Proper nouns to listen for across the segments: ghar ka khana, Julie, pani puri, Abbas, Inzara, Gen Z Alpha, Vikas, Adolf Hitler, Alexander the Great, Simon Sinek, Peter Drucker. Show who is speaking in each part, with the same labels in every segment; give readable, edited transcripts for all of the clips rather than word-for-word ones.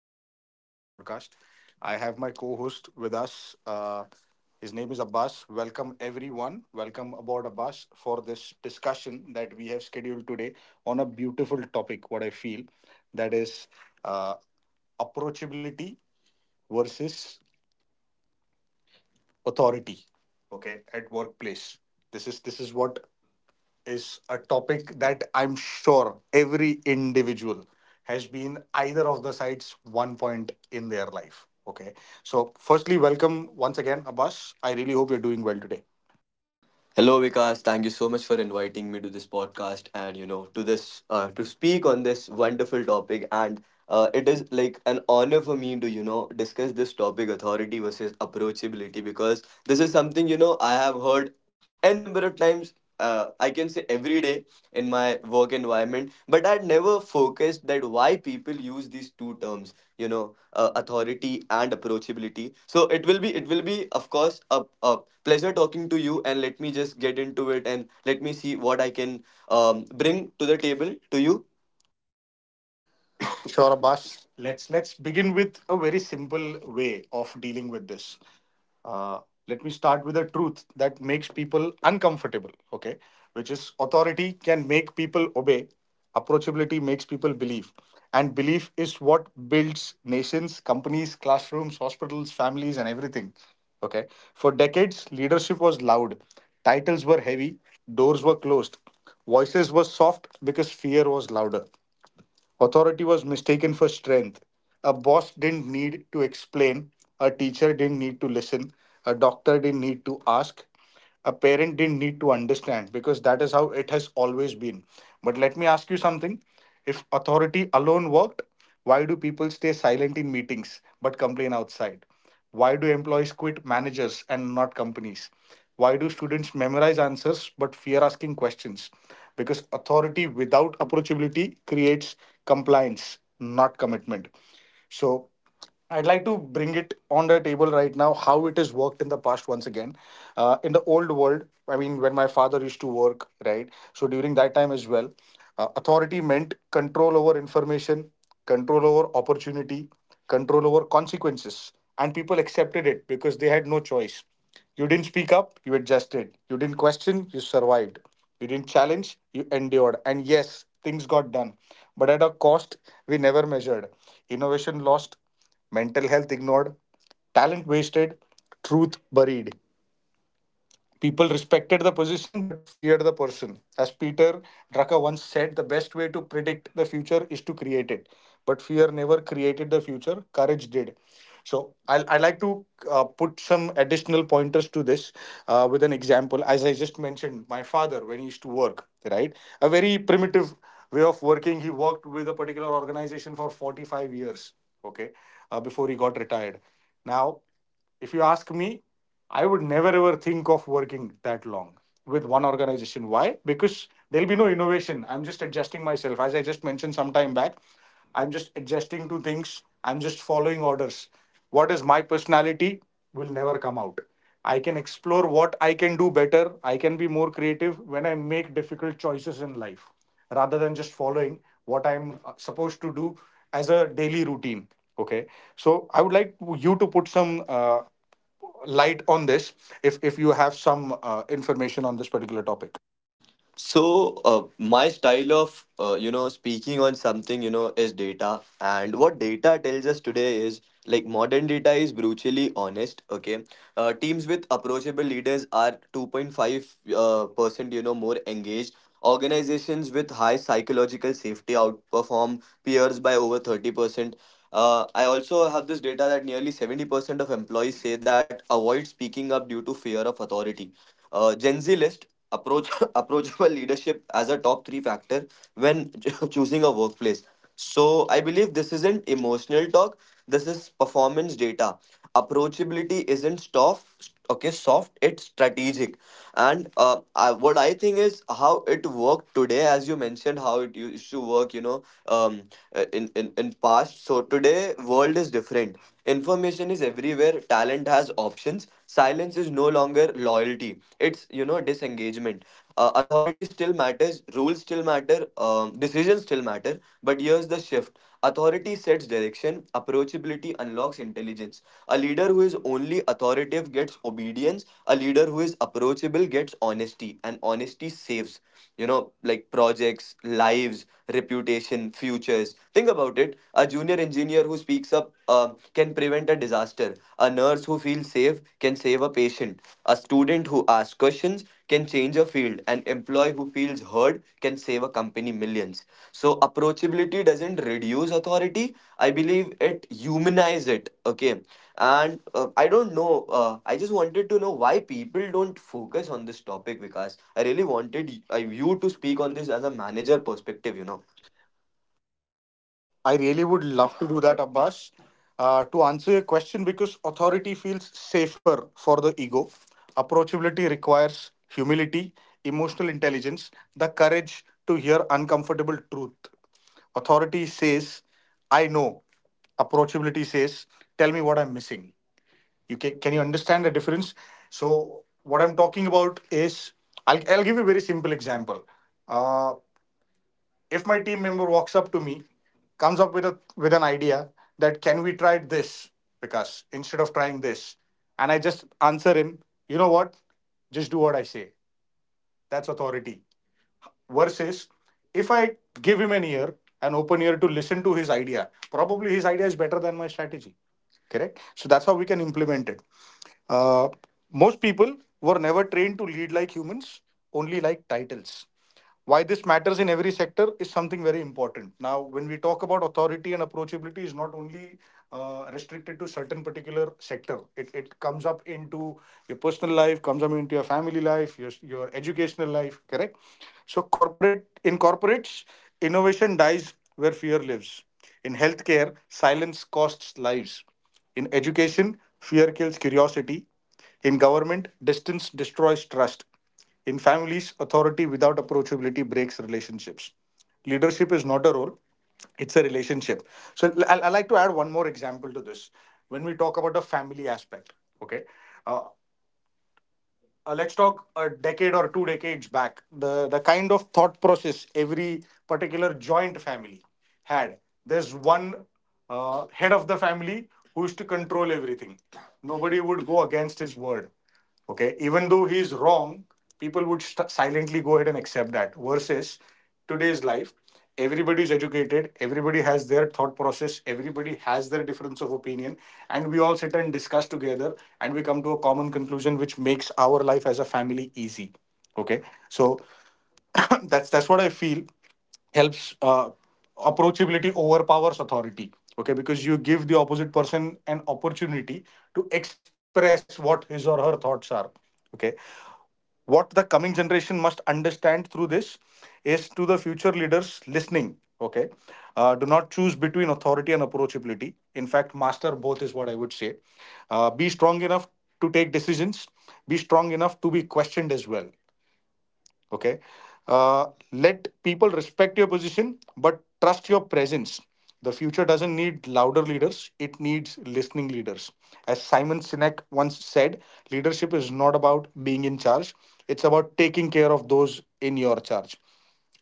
Speaker 1: host for this particular podcast. I have my co host with us. His name is Abbas. Welcome, everyone. Welcome aboard, Abbas, for this discussion that we have scheduled today on a beautiful topic, what I feel that is uh, approachability versus authority, okay, at workplace. This is what is a topic that I'm sure every individual has been either of the sides one point in their life. Okay. So, firstly, welcome once again, Abbas. I really hope you're doing well today.
Speaker 2: Hello, Vikas. Thank you so much for inviting me to this podcast and to this to speak on this wonderful topic. And it is like an honor for me to discuss this topic, authority versus approachability, because this is something I have heard n number of times, I can say every day in my work environment, but I'd never focused that why people use these two terms, authority and approachability. So it will be, of course, a pleasure talking to you, and let me just get into it and let me see what I can bring to the table to you.
Speaker 1: Sure, Abbas. Let's begin with a very simple way of dealing with this. Uh, Let me start with a truth that makes people uncomfortable. Okay, which is authority can make people obey. Approachability makes people believe, and belief is what builds nations, companies, classrooms, hospitals, families, and everything. Okay, for decades, leadership was loud, titles were heavy, doors were closed, voices were soft because fear was louder. Authority was mistaken for strength. A boss didn't need to explain. A teacher didn't need to listen. A doctor didn't need to ask. A parent didn't need to understand because that is how it has always been. But let me ask you something. If authority alone worked, why do people stay silent in meetings but complain outside? Why do employees quit managers and not companies? Why do students memorize answers but fear asking questions? Because authority without approachability creates compliance, not commitment. So, I'd like to bring it on the table right now how it has worked in the past once again. In the old world, I mean, when my father used to work, right? So, during that time as well, authority meant control over information, control over opportunity, control over consequences. And people accepted it because they had no choice. You didn't speak up, you adjusted. You didn't question, you survived. You didn't challenge, you endured. And yes, things got done. But at a cost we never measured. Innovation lost, mental health ignored, talent wasted, truth buried. People respected the position but feared the person. As Peter Drucker once said, the best way to predict the future is to create it. But fear never created the future, courage did. So I like to put some additional pointers to this with an example. As I just mentioned, my father, when he used to work, right? A very primitive way of working. He worked with a particular organization for 45 years, okay, before he got retired. Now, if you ask me, I would never ever think of working that long with one organization. Why? Because there'll be no innovation. I'm just adjusting myself. As I just mentioned some time back, I'm just adjusting to things. I'm just following orders. What is my personality will never come out. I can explore what I can do better. I can be more creative when I make difficult choices in life rather than just following what I'm supposed to do as a daily routine. Okay. So I would like you to put some light on this if you have some information on this particular topic.
Speaker 2: So, my style of speaking on something is data, and what data tells us today is like modern data is brutally honest. Okay, teams with approachable leaders are two point five percent more engaged. Organizations with high psychological safety outperform peers by over 30%. I also have this data that nearly 70% of employees say that avoid speaking up due to fear of authority. Gen Z list approach approachable leadership as a top three factor when choosing a workplace, so I believe this isn't emotional talk. This is performance data. Approachability isn't soft. Okay, soft. It's strategic. And what I think is how it worked today, as you mentioned, how it used to work. In past. So today, world is different. Information is everywhere. Talent has options. Silence is no longer loyalty. It's disengagement. Authority still matters. Rules still matter. Decisions still matter, but here's the shift: authority sets direction, approachability unlocks intelligence. A leader who is only authoritative gets obedience. A leader who is approachable gets honesty, and honesty saves, like projects, lives, reputation, futures. Think about it. A junior engineer who speaks up can prevent a disaster. A nurse who feels safe can save a patient. A student who asks questions can change a field. An employee who feels heard can save a company millions. So approachability doesn't reduce authority. I believe it humanizes it. Okay, and I don't know. I just wanted to know why people don't focus on this topic, Vikas. I really wanted you to speak on this as a manager
Speaker 1: Manager,
Speaker 2: perspective. You
Speaker 1: you
Speaker 2: know.
Speaker 1: know. I really would love to do that, Abbas. To answer your question, because authority feels safer for the ego, approachability requires humility, emotional intelligence, the courage to hear uncomfortable truth. Authority says, I know. Approachability says, tell me what I'm missing. Can you understand the difference? So what I'm talking about is I'll give you a very simple example. Uh, if my team member walks up to me, comes up with a with an idea that can we try this, because instead of trying this, and I just answer him, you know what? Just do what I say. That's authority. Versus if I give him an ear, an open ear to listen to his idea, probably his idea is better than my strategy. Correct? So that's how we can implement it. Uh, Most people were never trained to lead like humans, only like titles. Why this matters in every sector is something very important. Now when we talk about authority and approachability, is not only restricted to certain particular sector, it comes up into your personal life, comes up into your family life, your educational life, correct? So corporate, in corporates, innovation dies where fear lives, in healthcare silence costs lives, in education fear kills curiosity, in government distance destroys trust, in families, authority without approachability breaks relationships. Leadership is not a role, it's a relationship. So I like to add one more example to this. When we talk about the family aspect, okay? uh, let's talk a decade or two decades back, the kind of thought process every particular joint family had. There's one head of the family who used to control everything. Nobody would go against his word, okay, even though he's wrong. People would silently go ahead and accept that. Versus today's life, everybody is educated, everybody has their thought process, everybody has their difference of opinion, and we all sit and discuss together, and we come to a common conclusion which makes our life as a family easy. Okay, so that's what I feel helps. uh, Approachability overpowers authority, okay, because you give the opposite person an opportunity to express what his or her thoughts are. Okay, what the coming generation must understand through this is, to the future leaders listening, okay, do not choose between authority and approachability. In fact, master both is what I would say. Be strong enough to take decisions, be strong enough to be questioned as well. Okay, uh, let people respect your position but trust your presence. The future doesn't need louder leaders, it needs listening leaders. As Simon Sinek once said, leadership is not about being in charge, it's about taking care of those in your charge.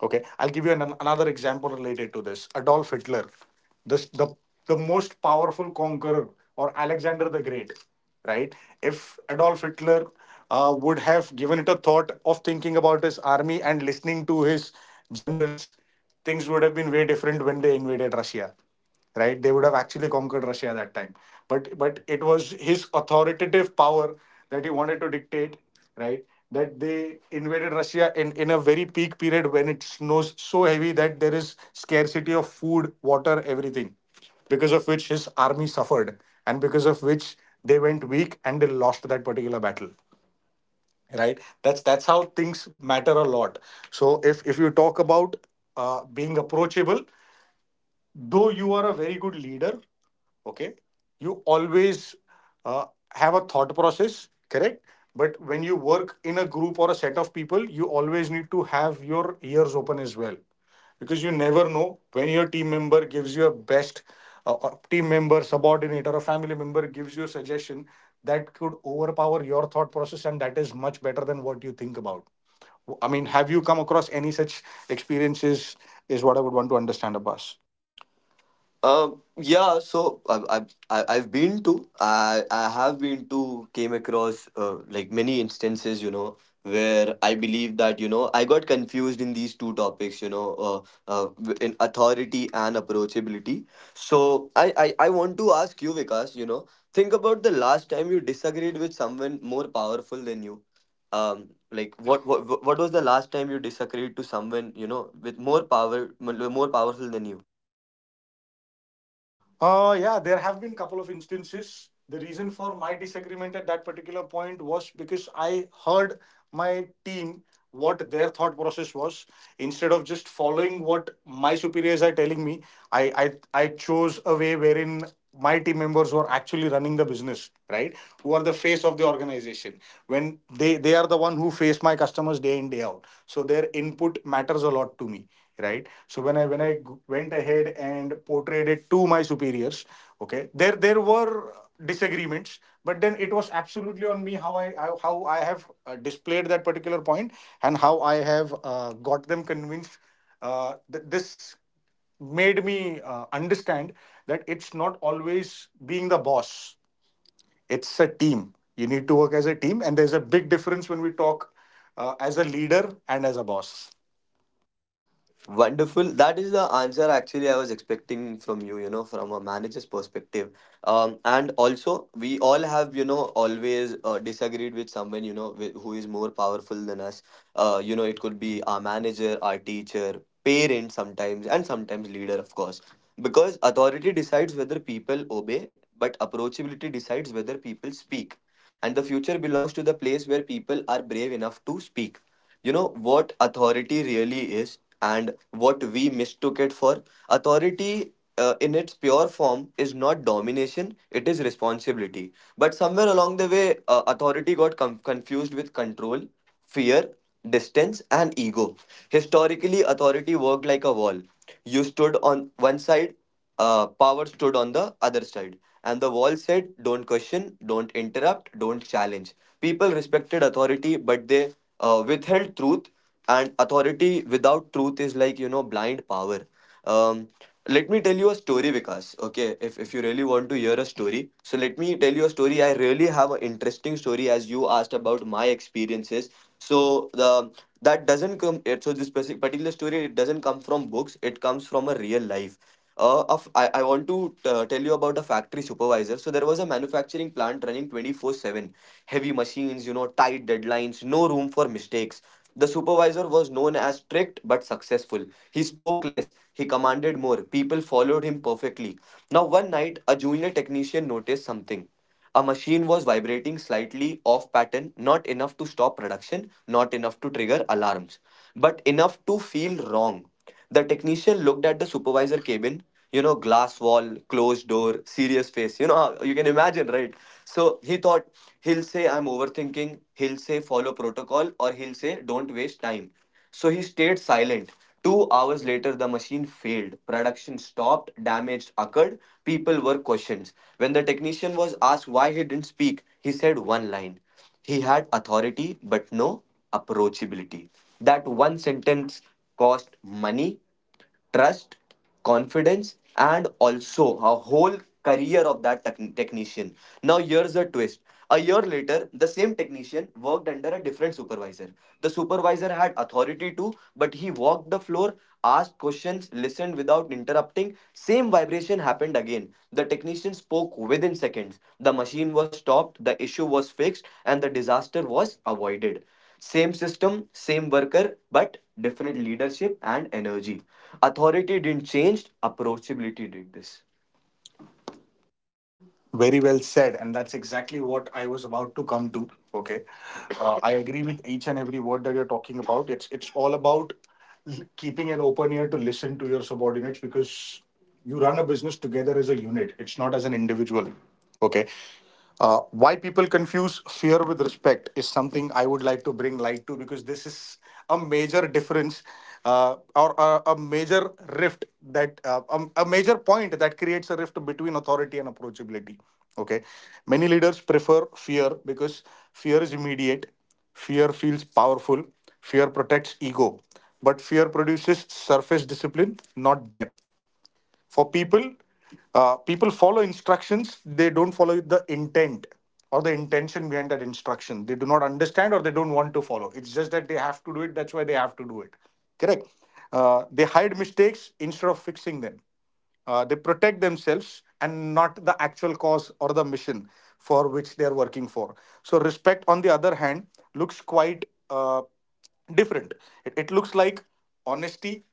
Speaker 1: Okay, I'll give you an, another example related to this. Adolf Hitler, this, the the most powerful conqueror, or Alexander the Great, right? If Adolf Hitler would have given it a thought of thinking about his army and listening to his generals, things would have been way different when they invaded Russia. Right, they would have actually conquered Russia at that time. But it was his authoritative power that he wanted to dictate, right, that they invaded Russia in a very peak period, when it snows so heavy that there is scarcity of food, water, everything, because of which his army suffered, and because of which they went weak and they lost that particular battle. Right, that's how things matter a lot. So if you talk about being approachable, though you are a very good leader, okay, you always uh, have a thought process, correct, but when you work in a group or a set of people, you always need to have your ears open as well, because you never know when your team member gives you a best, team member, subordinate, or a family member gives you a suggestion that could overpower your thought process and that is much better than what you think about. I mean, have you come across any such experiences is what I would want to understand, Abbas?
Speaker 2: Yeah, so I've been to, I have been to, came across like many instances, where I believe that, I got confused in these two topics, in authority and approachability. So I want to ask you, Vikas, think about the last time you disagreed with someone more powerful than you. Like what was the last time you disagreed to someone, with more powerful than you?
Speaker 1: Yeah, there have been couple of instances. The reason for my disagreement at that particular point was because I heard my team, what their thought process was, instead of just following what my superiors are telling me. I I, I chose a way wherein my team members were actually running the business, right? Who are the face of the organization? When they are the one who face my customers day in day out, so their input matters a lot to me, right? So when I went ahead and portrayed it to my superiors, okay, there were disagreements, but then it was absolutely on me how I have displayed that particular point and how I have got them convinced. This made me understand that it's not always being the boss; it's a team. You need to work as a team, and there's a big difference when we talk as a leader and as a boss.
Speaker 2: Wonderful. That is the answer actually I was expecting from you, from a manager's perspective. And also, we all have, always disagreed with someone, who is more powerful than us. It could be our manager, our teacher, parent sometimes, and sometimes leader, of course, because authority decides whether people obey but approachability decides whether people speak, and the future belongs to the place where people are brave enough to speak. You know what authority really is and what we mistook it for. Authority, in its pure form, is not domination, it is responsibility. But somewhere along the way, authority got confused with control, fear, distance, and ego. Historically, authority worked like a wall. You stood on one side, power stood on the other side. And the wall said, don't question, don't interrupt, don't challenge. People respected authority, but they withheld truth. And authority without truth is like, blind power. Um, Let me tell you a story, Vikas. Okay, if you really want to hear a story, so let me tell you a story. I really have an interesting story as you asked about my experiences. So the that doesn't come. It- So this specific particular story, it doesn't come from books. It comes from a real life. I want to tell you about a factory supervisor. So there was a manufacturing plant running 24/7. Heavy machines, tight deadlines, no room for mistakes. The supervisor was known as strict but successful. He spoke less, he commanded more. People followed him perfectly. Now, one night, a junior technician noticed something. A machine was vibrating slightly off pattern, not enough to stop production, not enough to trigger alarms, but enough to feel wrong. The technician looked at the supervisor cabin, glass wall, closed door, serious face. You know, you can imagine, right? So he thought, he'll say, I'm overthinking, he'll say, follow protocol, or he'll say, don't waste time. So he stayed silent. 2 hours later, the machine failed. Production stopped, damage occurred, people were questioned. When the technician was asked why he didn't speak, he said one line: he had authority but no approachability. That one sentence cost money, trust, confidence, and also a whole career of that technician. Now, here's the twist. A year later, the same technician worked under a different supervisor. The supervisor had authority too, but he walked the floor, asked questions, listened without interrupting. Same vibration happened again. The technician spoke within seconds. The machine was stopped, the issue was fixed, and the disaster was avoided. Same system, same worker, but different leadership and energy. Authority didn't change, approachability did this.
Speaker 1: Very well said, and that's exactly what I was about to come to. Okay, I agree with each and every word that you're talking about. It's all about keeping an open ear to listen to your subordinates, because you run a business together as a unit. It's not as an individual. Okay, why people confuse fear with respect is something I would like to bring light to, because this is a major difference or a major rift that a major point that creates a rift between authority and approachability. Okay, many leaders prefer fear because fear is immediate, fear feels powerful, fear protects ego, but fear produces surface discipline, not depth. For people, people follow instructions, they don't follow the intent or the intention behind that instruction. They do not understand or they don't want to follow. It's just that they have to do it, that's why they have to do it. Correct. They hide mistakes instead of fixing them. They protect themselves and not the actual cause or the mission for which they are working for. So, respect, on the other hand, looks quite different. It looks like honesty,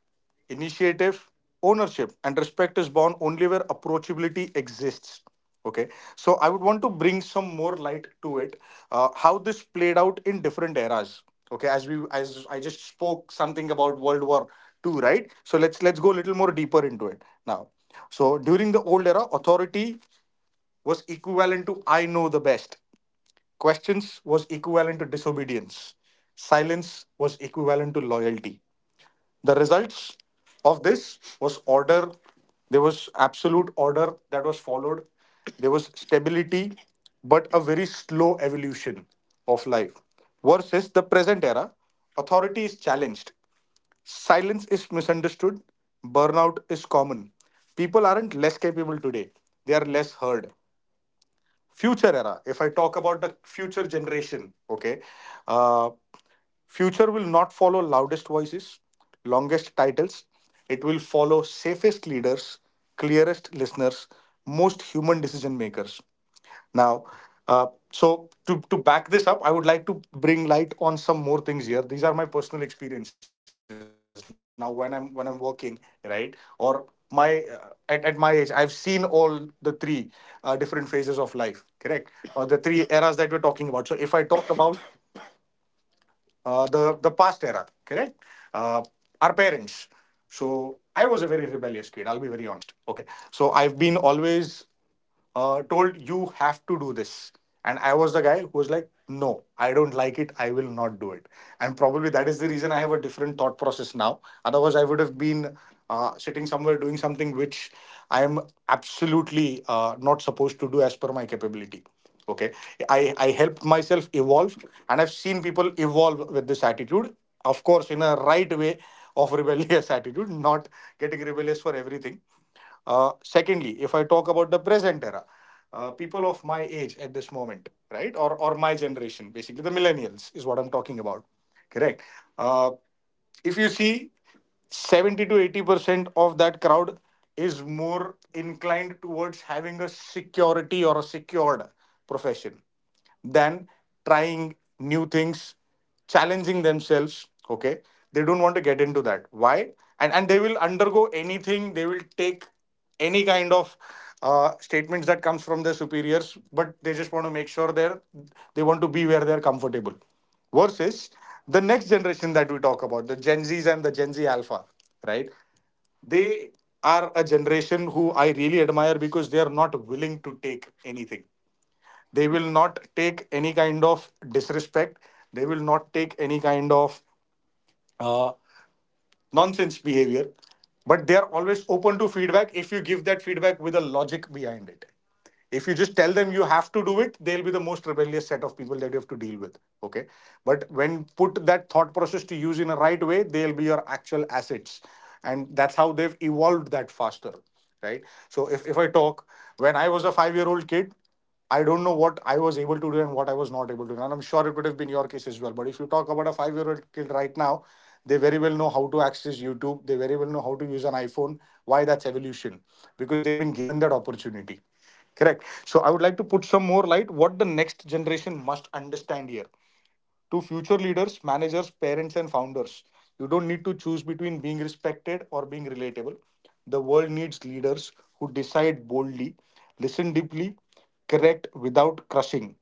Speaker 1: initiative, ownership, and respect is born only where approachability exists. Okay, so I would want to bring some more light to it, how this played out in different eras. Okay, as we as I just spoke something about World War II, right, so let's go a little more deeper into it now. So during the old era, authority was equivalent to I know the best, questions was equivalent to disobedience, silence was equivalent to loyalty. The results of this was order. There was absolute order that was followed. There was stability, but a very slow evolution of life. Versus the present era, authority is challenged, silence is misunderstood, burnout is common. People aren't less capable today, they are less heard. Future era, if I talk about the future generation, okay, uh, future will not follow loudest voices, longest titles. It will follow safest leaders, clearest listeners, most human decision makers. Now, so to back this up, I would like to bring light on some more things here. These are my personal experiences. Now, when I'm working, right, or my at my age, I've seen all the three different phases of life, correct, or the three eras that we're talking about. So if I talk about the past era, correct? Uh, our parents. So I was a very rebellious kid. I'll be very honest. Okay, so I've been always told you have to do this, and I was the guy who was like, no, I don't like it. I will not do it. And probably that is the reason I have a different thought process now. Otherwise, I would have been sitting somewhere doing something which I am absolutely not supposed to do as per my capability. Okay, I helped myself evolve, and I've seen people evolve with this attitude. Of course, in a right way of rebellious attitude, not getting rebellious for everything. Secondly, if I talk about the present era, people of my age at this moment, right, or my generation, basically the millennials is what I'm talking about. Correct. Uh, if you see, 70 to 80% of that crowd is more inclined towards having a security or a secured profession than trying new things, challenging themselves. Okay. They don't want to get into that. Why? And they will undergo anything, they will take any kind of statements that comes from their superiors, but they just want to make sure they want to be where they're comfortable. Versus the next generation that we talk about, the Gen Zs and the Gen Z Alpha, right? They are a generation who I really admire because they are not willing to take anything. They will not take any kind of disrespect. They will not take any kind of uh, nonsense behavior. But they are always open to feedback if you give that feedback with a logic behind it. If you just tell them you have to do it, they'll be the most rebellious set of people that you have to deal with. Okay. But when put that thought process to use in a right way, they'll be your actual assets. And that's how they've evolved that faster. Right. So if I talk, when I was a 5-year old kid, I don't know what I was able to do and what I was not able to do. And I'm sure it could have been your case as well. But if you talk about a 5-year old kid right now, they very well know how to access YouTube. They very well know how to use an iPhone. Why that's evolution? Because they've been given that opportunity. Correct. So I would like to put some more light what the next generation must understand here, to future leaders, managers, parents, and founders. You don't need to choose between being respected or being relatable. The world needs leaders who decide boldly, listen deeply, correct without crushing.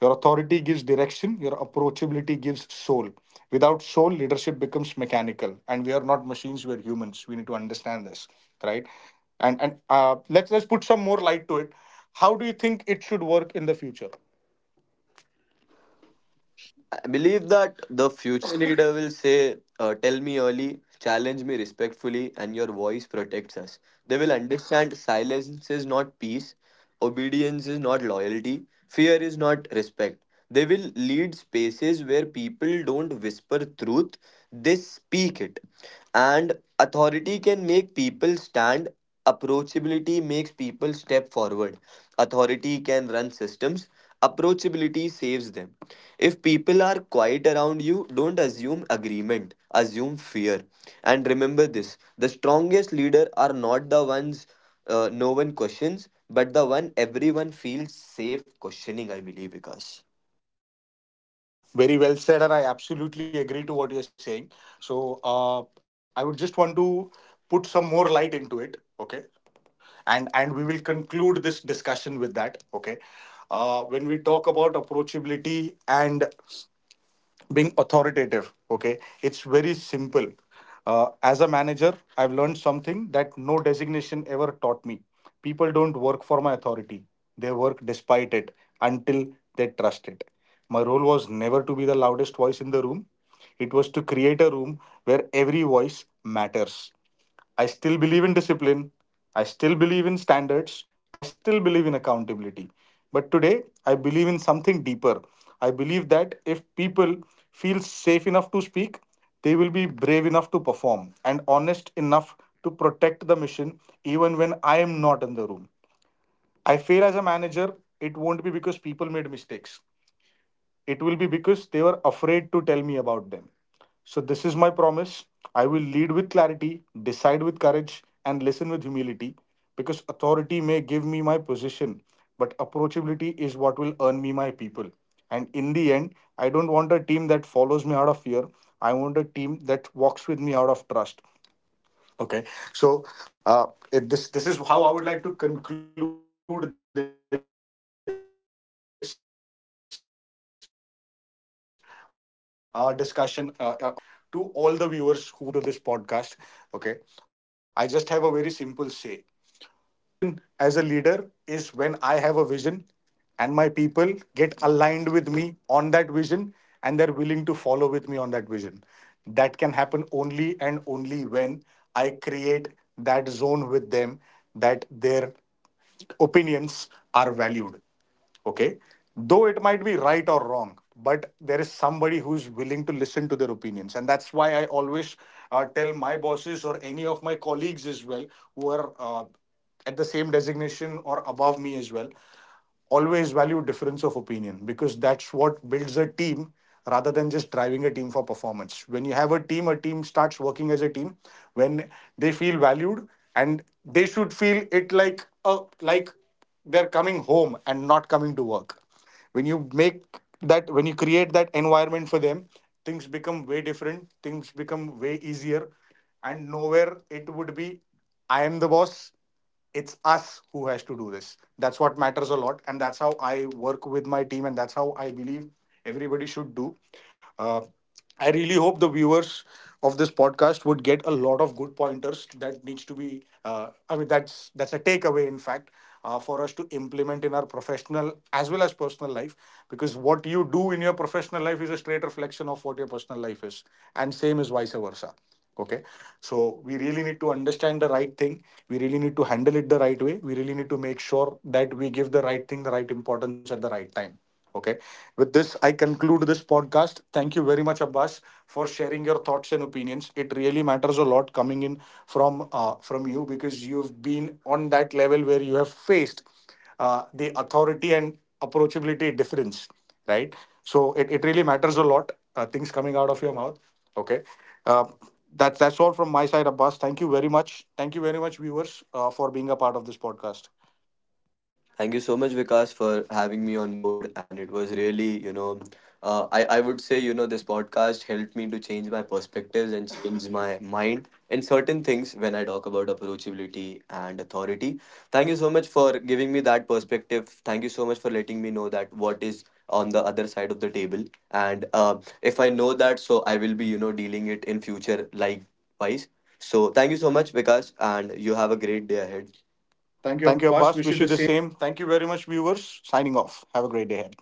Speaker 1: Your authority gives direction, your approachability gives soul. Without soul, leadership becomes mechanical. And we are not machines, we are humans. We need to understand this, right? And let's put some more light to it. How do you think it should work in the future?
Speaker 2: I believe that the future leader will say, tell me early, challenge me respectfully, and your voice protects us. They will understand silence is not peace, obedience is not loyalty, fear is not respect. They will lead spaces where people don't whisper truth, they speak it. And authority can make people stand. Approachability makes people step forward. Authority can run systems. Approachability saves them. If people are quiet around you, don't assume agreement, assume fear. And remember this: the strongest leader are not the ones no one questions, but the one everyone feels safe questioning, I believe, Vikas.
Speaker 1: Very well said, and I absolutely agree to what you're saying. So I would just want to put some more light into it, okay? And we will conclude this discussion with that, okay? When we talk about approachability and being authoritative, okay, it's very simple. As a manager, I've learned something that no designation ever taught me. People don't work for my authority; they work despite it until they trust it. My role was never to be the loudest voice in the room, it was to create a room where every voice matters. I still believe in discipline, I still believe in standards, I still believe in accountability. But today, I believe in something deeper. I believe that if people feel safe enough to speak, they will be brave enough to perform and honest enough to protect the mission even when I am not in the room. I fail as a manager, it won't be because people made mistakes, it will be because they were afraid to tell me about them. So, this is my promise. I will lead with clarity, decide with courage, and listen with humility, because authority may give me my position, but approachability is what will earn me my people. And in the end, I don't want a team that follows me out of fear. I want a team that walks with me out of trust. Okay, so uh, this is how I would like to conclude this discussion on this podcast, Abbas. But before we actually go to the closure of it, to all the viewers who would be listening to this podcast, okay, I just have a very simple say. My definition as a leader is when I have a vision and my people get aligned with me on that vision and they're willing to follow with me on that vision. That can happen only and only when I create that zone with them that their opinions are valued. Okay, though it might be right or wrong, but there is somebody who is willing to listen to their opinions, and that's why I always tell my bosses or any of my colleagues as well who are at the same designation or above me as well, always value difference of opinion because that's what builds a team rather than just driving a team for performance. When you have a team starts working as a team when they feel valued, and they should feel it like a, like they're coming home and not coming to work. When you make that when you create that environment for them, things become way different, things become way easier, and nowhere it would be I am the boss, it's us who has to do this. That's what matters a lot, and that's how I work with my team, and that's how I believe everybody should do. uh, I really hope the viewers of this podcast would get a lot of good pointers that needs to be, I mean, that's a takeaway in fact, for us to implement in our professional as well as personal life, because what you do in your professional life is a straight reflection of what your personal life is, and same is vice versa. Okay, so we really need to understand the right thing, we really need to handle it the right way, we really need to make sure that we give the right thing the right importance at the right time. Okay, with this I conclude this podcast. Thank you very much, Abbas, for sharing your thoughts and opinions. It really matters a lot coming in from you, because you've been on that level where you have faced the authority and approachability difference, right? So it really matters a lot, things coming out of your mouth. Okay. Uh, that's all from my side, Abbas. Thank you very much. Thank you very much, viewers, for being a part of this podcast.
Speaker 2: Thank you so much, Vikas, for having me on board. And it was really, I would say, this podcast helped me to change my perspectives and change my mind in certain things when I talk about approachability and authority. Thank you so much for giving me that perspective. Thank you so much for letting me know that what is on the other side of the table. And if I know that, so I will be, dealing it in future likewise. So thank you so much, Vikas, and you have a great day ahead. Thank you,
Speaker 1: Thank you,
Speaker 2: Abbas. Wish
Speaker 1: Abbas.
Speaker 2: you the
Speaker 1: Wish you
Speaker 2: same.
Speaker 1: the same. Thank you very much, viewers. Signing off. Have a great day ahead.